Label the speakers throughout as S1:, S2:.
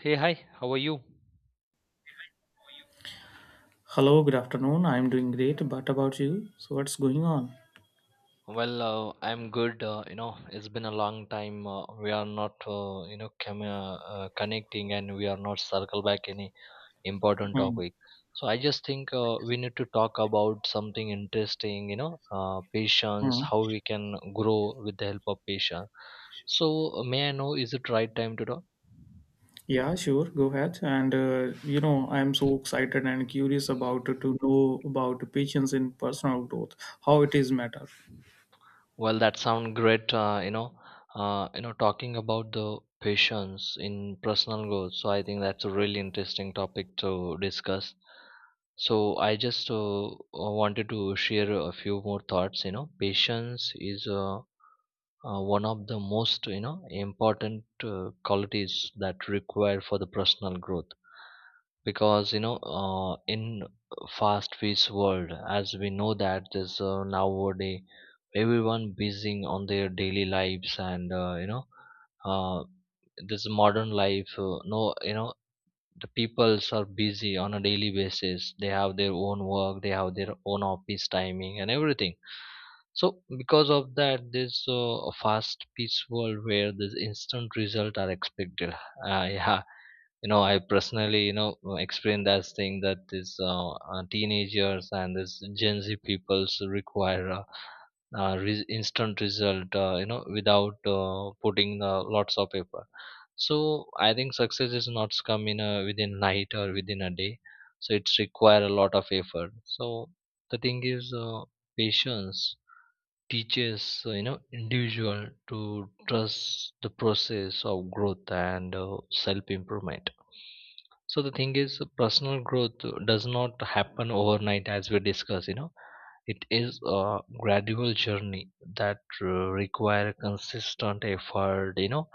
S1: Hey, hi, how are you?
S2: Hello, good afternoon. I'm doing great, but about you? So, what's going on?
S1: Well, I'm good. You know, it's been a long time. We are not, connecting, and we are not circle back any important
S2: Hmm.
S1: topic. So I just think we need to talk about something interesting. You know, patience,
S2: Hmm.
S1: how we can grow with the help of patience. So may I know, is it right time to talk?
S2: Yeah, sure. Go ahead. And I'm so excited and curious about to know about patience in personal growth, how it is matter.
S1: Well, that sounds great. You know, talking about the patience in personal growth. So I think that's a really interesting topic to discuss. So I just wanted to share a few more thoughts. You know, patience is one of the most you know important qualities that required for the personal growth because you know in fast paced world, as we know that there's nowadays everyone busy on their daily lives, and uh, this modern life, no, you know, the peoples are busy on a daily basis. They have their own work, they have their own office timing and everything. So because of that, there's a fast paced world where this instant result are expected, yeah, you know, I personally, you know, explain that thing that this teenagers and this gen z peoples require instant result you know, without putting lots of paper. So I think success is not come in a, within night or within a day. So it's require a lot of effort. So the thing is patience teaches you know individual to trust the process of growth and self improvement. So the thing is personal growth does not happen overnight, as we discuss, you know, it is a gradual journey that require consistent effort, you know,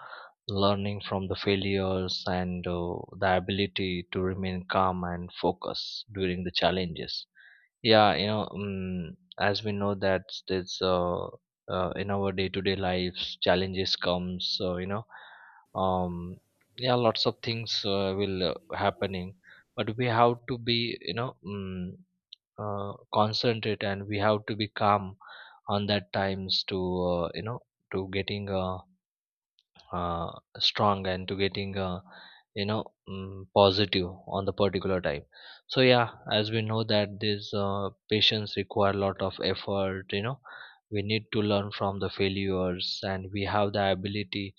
S1: learning from the failures and the ability to remain calm and focus during the challenges. Yeah, you know, as we know that there's in our day-to-day lives challenges comes, so you know, um, yeah, lots of things will happening, but we have to be, you know. Concentrate and we have to be calm on that times to you know to getting uh, strong and to getting you know positive on the particular time. So yeah, as we know that these patients require a lot of effort, you know, we need to learn from the failures and we have the ability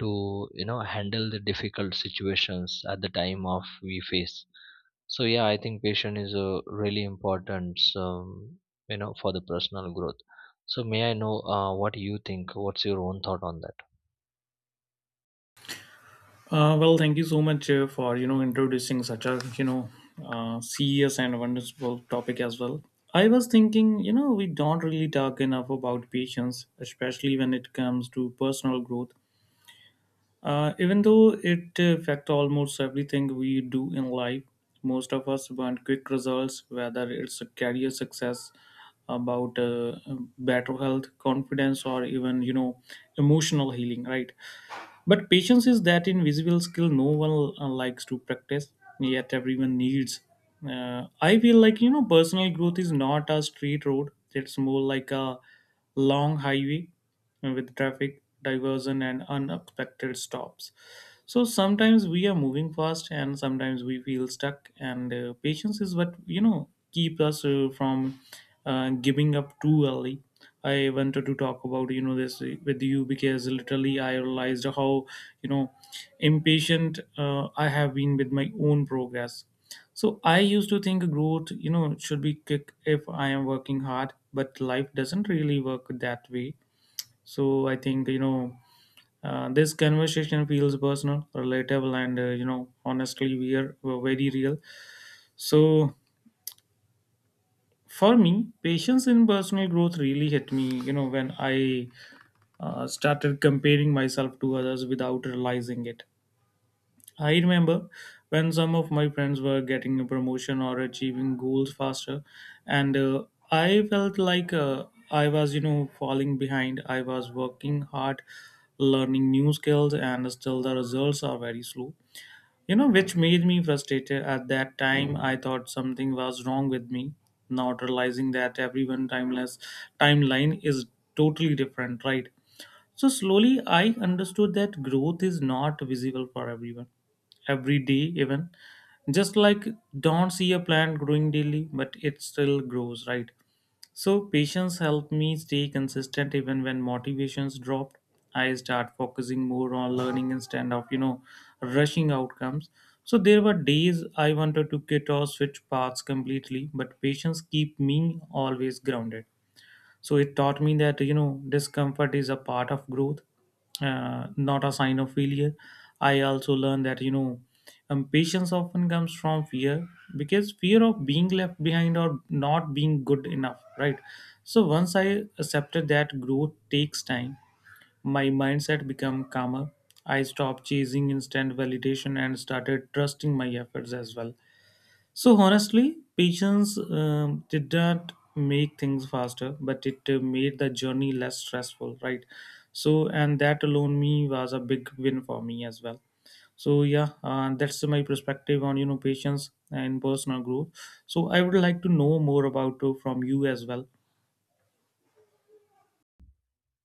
S1: to, you know, handle the difficult situations at the time of we face. So yeah, I think patience is a really important um, you know for the personal growth. So may I know what you think, what's your own thought on that?
S2: Well, thank you so much for introducing such a serious and wonderful topic as well. I was thinking, we don't really talk enough about patience, especially when it comes to personal growth. Even though it affects almost everything we do in life, most of us want quick results, whether it's a career success, about better health, confidence, or even emotional healing. Right? But patience is that invisible skill no one likes to practice, yet everyone needs. I feel like, personal growth is not a straight road, it's more like a long highway with traffic, diversion, and unexpected stops. So sometimes we are moving fast, and sometimes we feel stuck. And patience is what keeps us from giving up too early. I wanted to talk about this with you because literally I realized how you know impatient I have been with my own progress. So I used to think growth should be quick if I am working hard, but life doesn't really work that way. So I think this conversation feels personal, relatable, and honestly, we are we very real. So for me, patience in personal growth really hit me. When I started comparing myself to others without realizing it. I remember when some of my friends were getting a promotion or achieving goals faster, and I felt like I was, falling behind. I was working hard, learning new skills, and still the results are very slow, which made me frustrated. At that time, I thought something was wrong with me, not realizing that everyone timeless timeline is totally different, right? So slowly, I understood that growth is not visible for everyone, every day even. Just like don't see a plant growing daily, but it still grows, right? So patience helped me stay consistent even when motivations dropped. I start focusing more on learning instead of rushing outcomes. So there were days I wanted to quit or switch paths completely, but patience keep me always grounded. So it taught me that discomfort is a part of growth, not a sign of failure. I also learned that patience often comes from fear because fear of being left behind or not being good enough, right? So once I accepted that growth takes time, my mindset became calmer. I stopped chasing instant validation and started trusting my efforts as well. So honestly, patience did not make things faster, but it made the journey less stressful, right? So and that alone me was a big win for me as well. So yeah, that's my perspective on patience and personal growth. So I would like to know more about from you as well.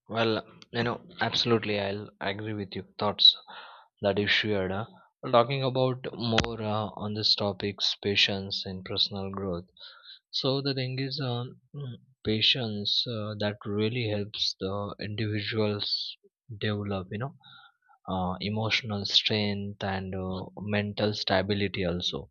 S1: Well, you know, absolutely, I'll agree with your thoughts that you shared. Huh? Talking about more on this topic, patience and personal growth. So the thing is, patience that really helps the individuals develop, you know, emotional strength and mental stability also.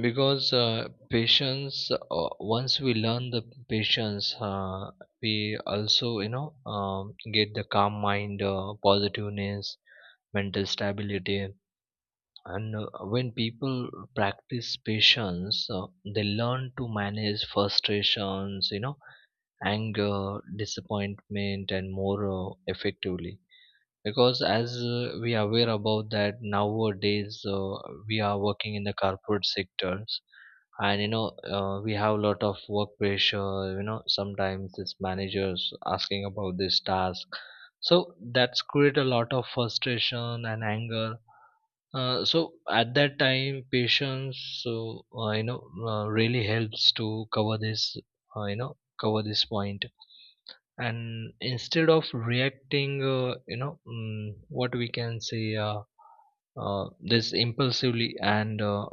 S1: Because patience, once we learn the patience, we also, you know, get the calm mind, positiveness, mental stability, and when people practice patience, they learn to manage frustrations, you know, anger, disappointment, and more effectively, because as we are aware about that nowadays, we are working in the corporate sectors, and you know we have a lot of work pressure. You know, sometimes it's managers asking about this task, so that's create a lot of frustration and anger. So at that time patience, so really helps to cover this, cover this point. And instead of reacting, what we can say, this impulsively, and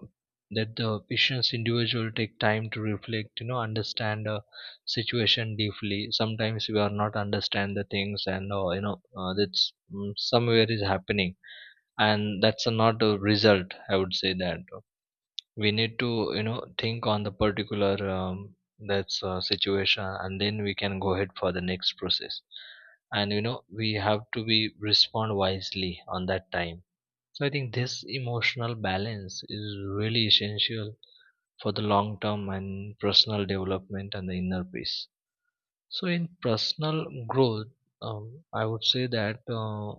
S1: that the patient's individual take time to reflect, you know, understand situation deeply. Sometimes we are not understand the things, and that's somewhere is happening, and that's a not a result. I would say that we need to, you know, think on the particular that's situation, and then we can go ahead for the next process. And you know we have to be respond wisely on that time. So I think this emotional balance is really essential for the long term and personal development and the inner peace. So in personal growth, I would say that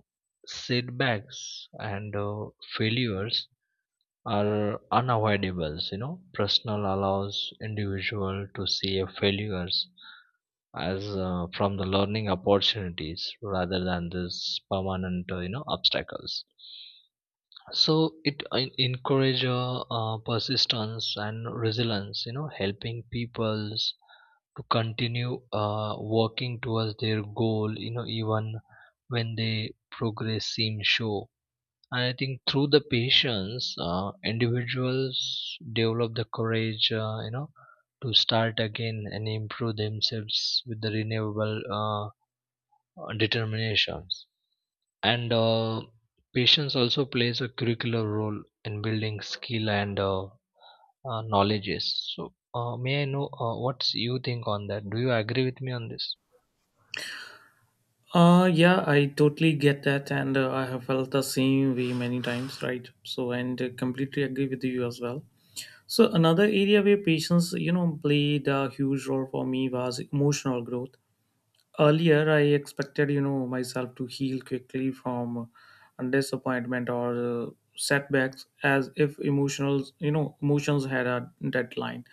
S1: setbacks and failures are unavoidables. You know personal allows individual to see a failures as from the learning opportunities rather than this permanent you know obstacles. So it encourage persistence and resilience, you know, helping peoples to continue working towards their goal, you know, even when they progress seems slow. And I think through the patience, individuals develop the courage, you know, to start again and improve themselves with the renewable determinations. And patience also plays a curricular role in building skill and knowledges. So, may I know what you think on that? Do you agree with me on this?
S2: Yeah, I totally get that, and I have felt the same way many times, right? So, and completely agree with you as well. So another area where patience, played a huge role for me was emotional growth. Earlier, I expected, myself to heal quickly from disappointment or setbacks, as if emotional, emotions had a deadline.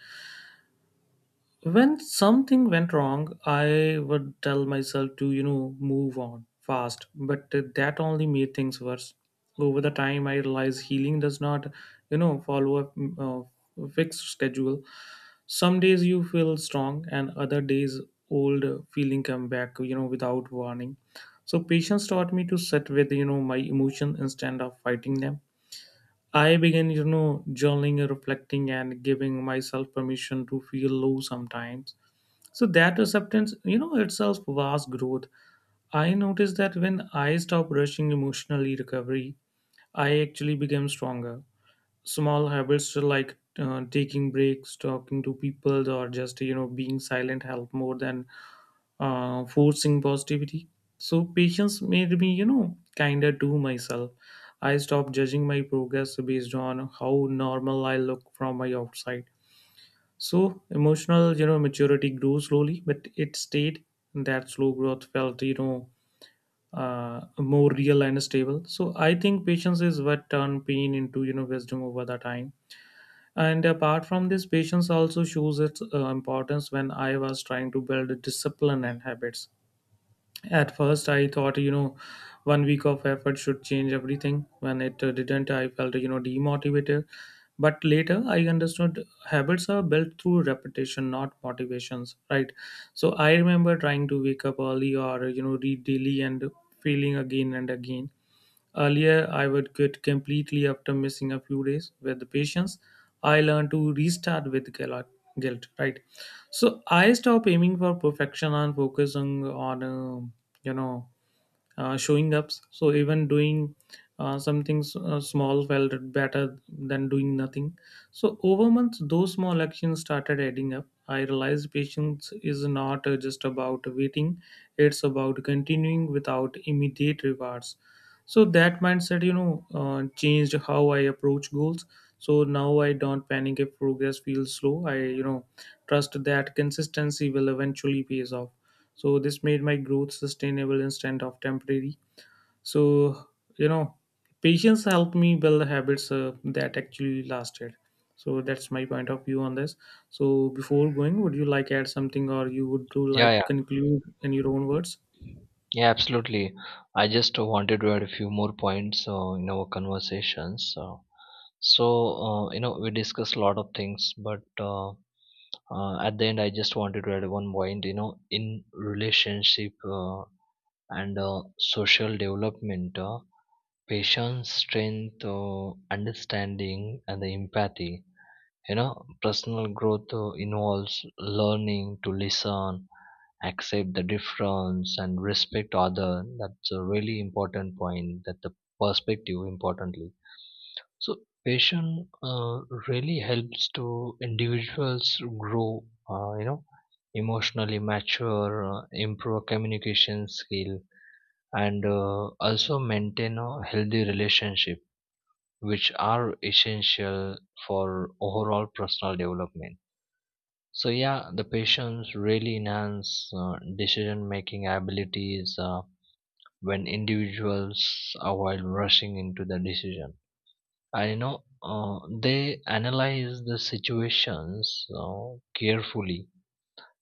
S2: When something went wrong, I would tell myself to, move on fast, but that only made things worse. Over the time, I realized healing does not, follow a fixed schedule. Some days you feel strong, and other days, old feeling come back, without warning. So patience taught me to sit with, my emotion instead of fighting them. I began, journaling, reflecting, and giving myself permission to feel low sometimes so that acceptance, itself vast growth. I noticed that when I stopped rushing emotionally recovery, I actually became stronger. Small habits like taking breaks, talking to people, or just being silent help more than forcing positivity. So patience made me kinder to myself. I stopped judging my progress based on how normal I look from my outside, so emotional, maturity grew slowly, but it stayed. And that slow growth felt, more real and stable. So I think patience is what turned pain into, wisdom over the time. And apart from this, patience also shows its importance when I was trying to build discipline and habits. At first, I thought, one week of effort should change everything. When it didn't, I felt, demotivated. But later, I understood habits are built through repetition, not motivations, right? So I remember trying to wake up early or, read daily and failing again and again. Earlier, I would quit completely after missing a few days with the patients. I learned to restart with guilt, guilt, right? So I stopped aiming for perfection and focus on you know, showing up. So even doing something small felt better than doing nothing. So over months, those small actions started adding up. I realized patience is not just about waiting; it's about continuing without immediate rewards. So that mindset, changed how I approach goals. So now I don't panic if progress feels slow. I, trust that consistency will eventually pays off. So this made my growth sustainable instead of temporary. So you know patience helped me build habits that actually lasted. So that's my point of view on this. So before going, would you like add something, or you would do
S1: Yeah, yeah,
S2: like conclude in your own words?
S1: yeah, absolutely. I just wanted to add a few more points in our conversations. So, you know, we discussed a lot of things, but at the end, I just wanted to add one point, you know, in relationship and social development, patience, strength, understanding, and the empathy. You know, personal growth involves learning to listen, accept the difference and respect other. That's a really important point that the perspective importantly. So passion uh, really helps to individuals grow, you know, emotionally mature, improve communication skill, and also maintain a healthy relationship, which are essential for overall personal development. So yeah, the patients really enhance decision-making abilities when individuals avoid rushing into the decision. I know they analyze the situations carefully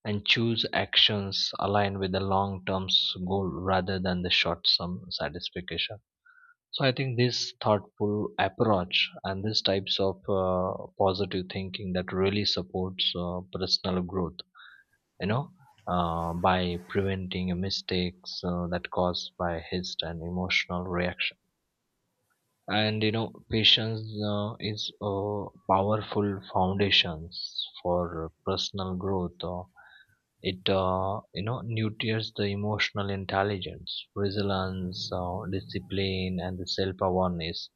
S1: and choose actions aligned with the long-term goal rather than the short-term satisfaction. So I think this thoughtful approach and these types of positive thinking that really supports personal growth, you know, by preventing mistakes that caused by hist and emotional reaction. And you know patience is a powerful foundations for personal growth. It you know nurtures the emotional intelligence, resilience, discipline, and the self awareness.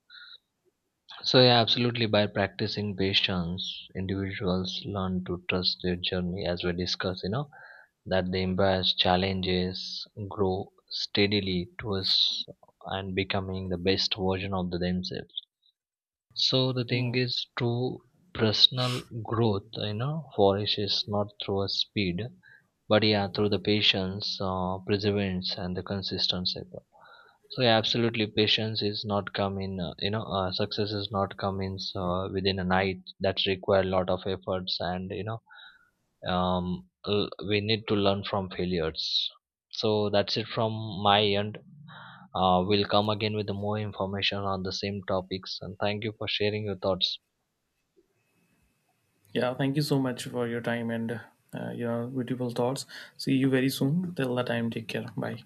S1: So yeah, absolutely. By practicing patience, individuals learn to trust their journey, as we discussed. You know that they embrace challenges, grow steadily towards and becoming the best version of the themselves. So the thing
S2: Hmm.
S1: is, true personal growth, you know, flourishes not through a speed, but yeah, through the patience, perseverance, and the consistency. So yeah, absolutely, patience is not come in. Success is not come in so, within a night. That require a lot of efforts, and you know, we need to learn from failures. So that's it from my end. We'll come again with more information on the same topics. And thank you for sharing your thoughts.
S2: Yeah, thank you so much for your time and your beautiful thoughts. See you very soon, till the time, take care. Bye.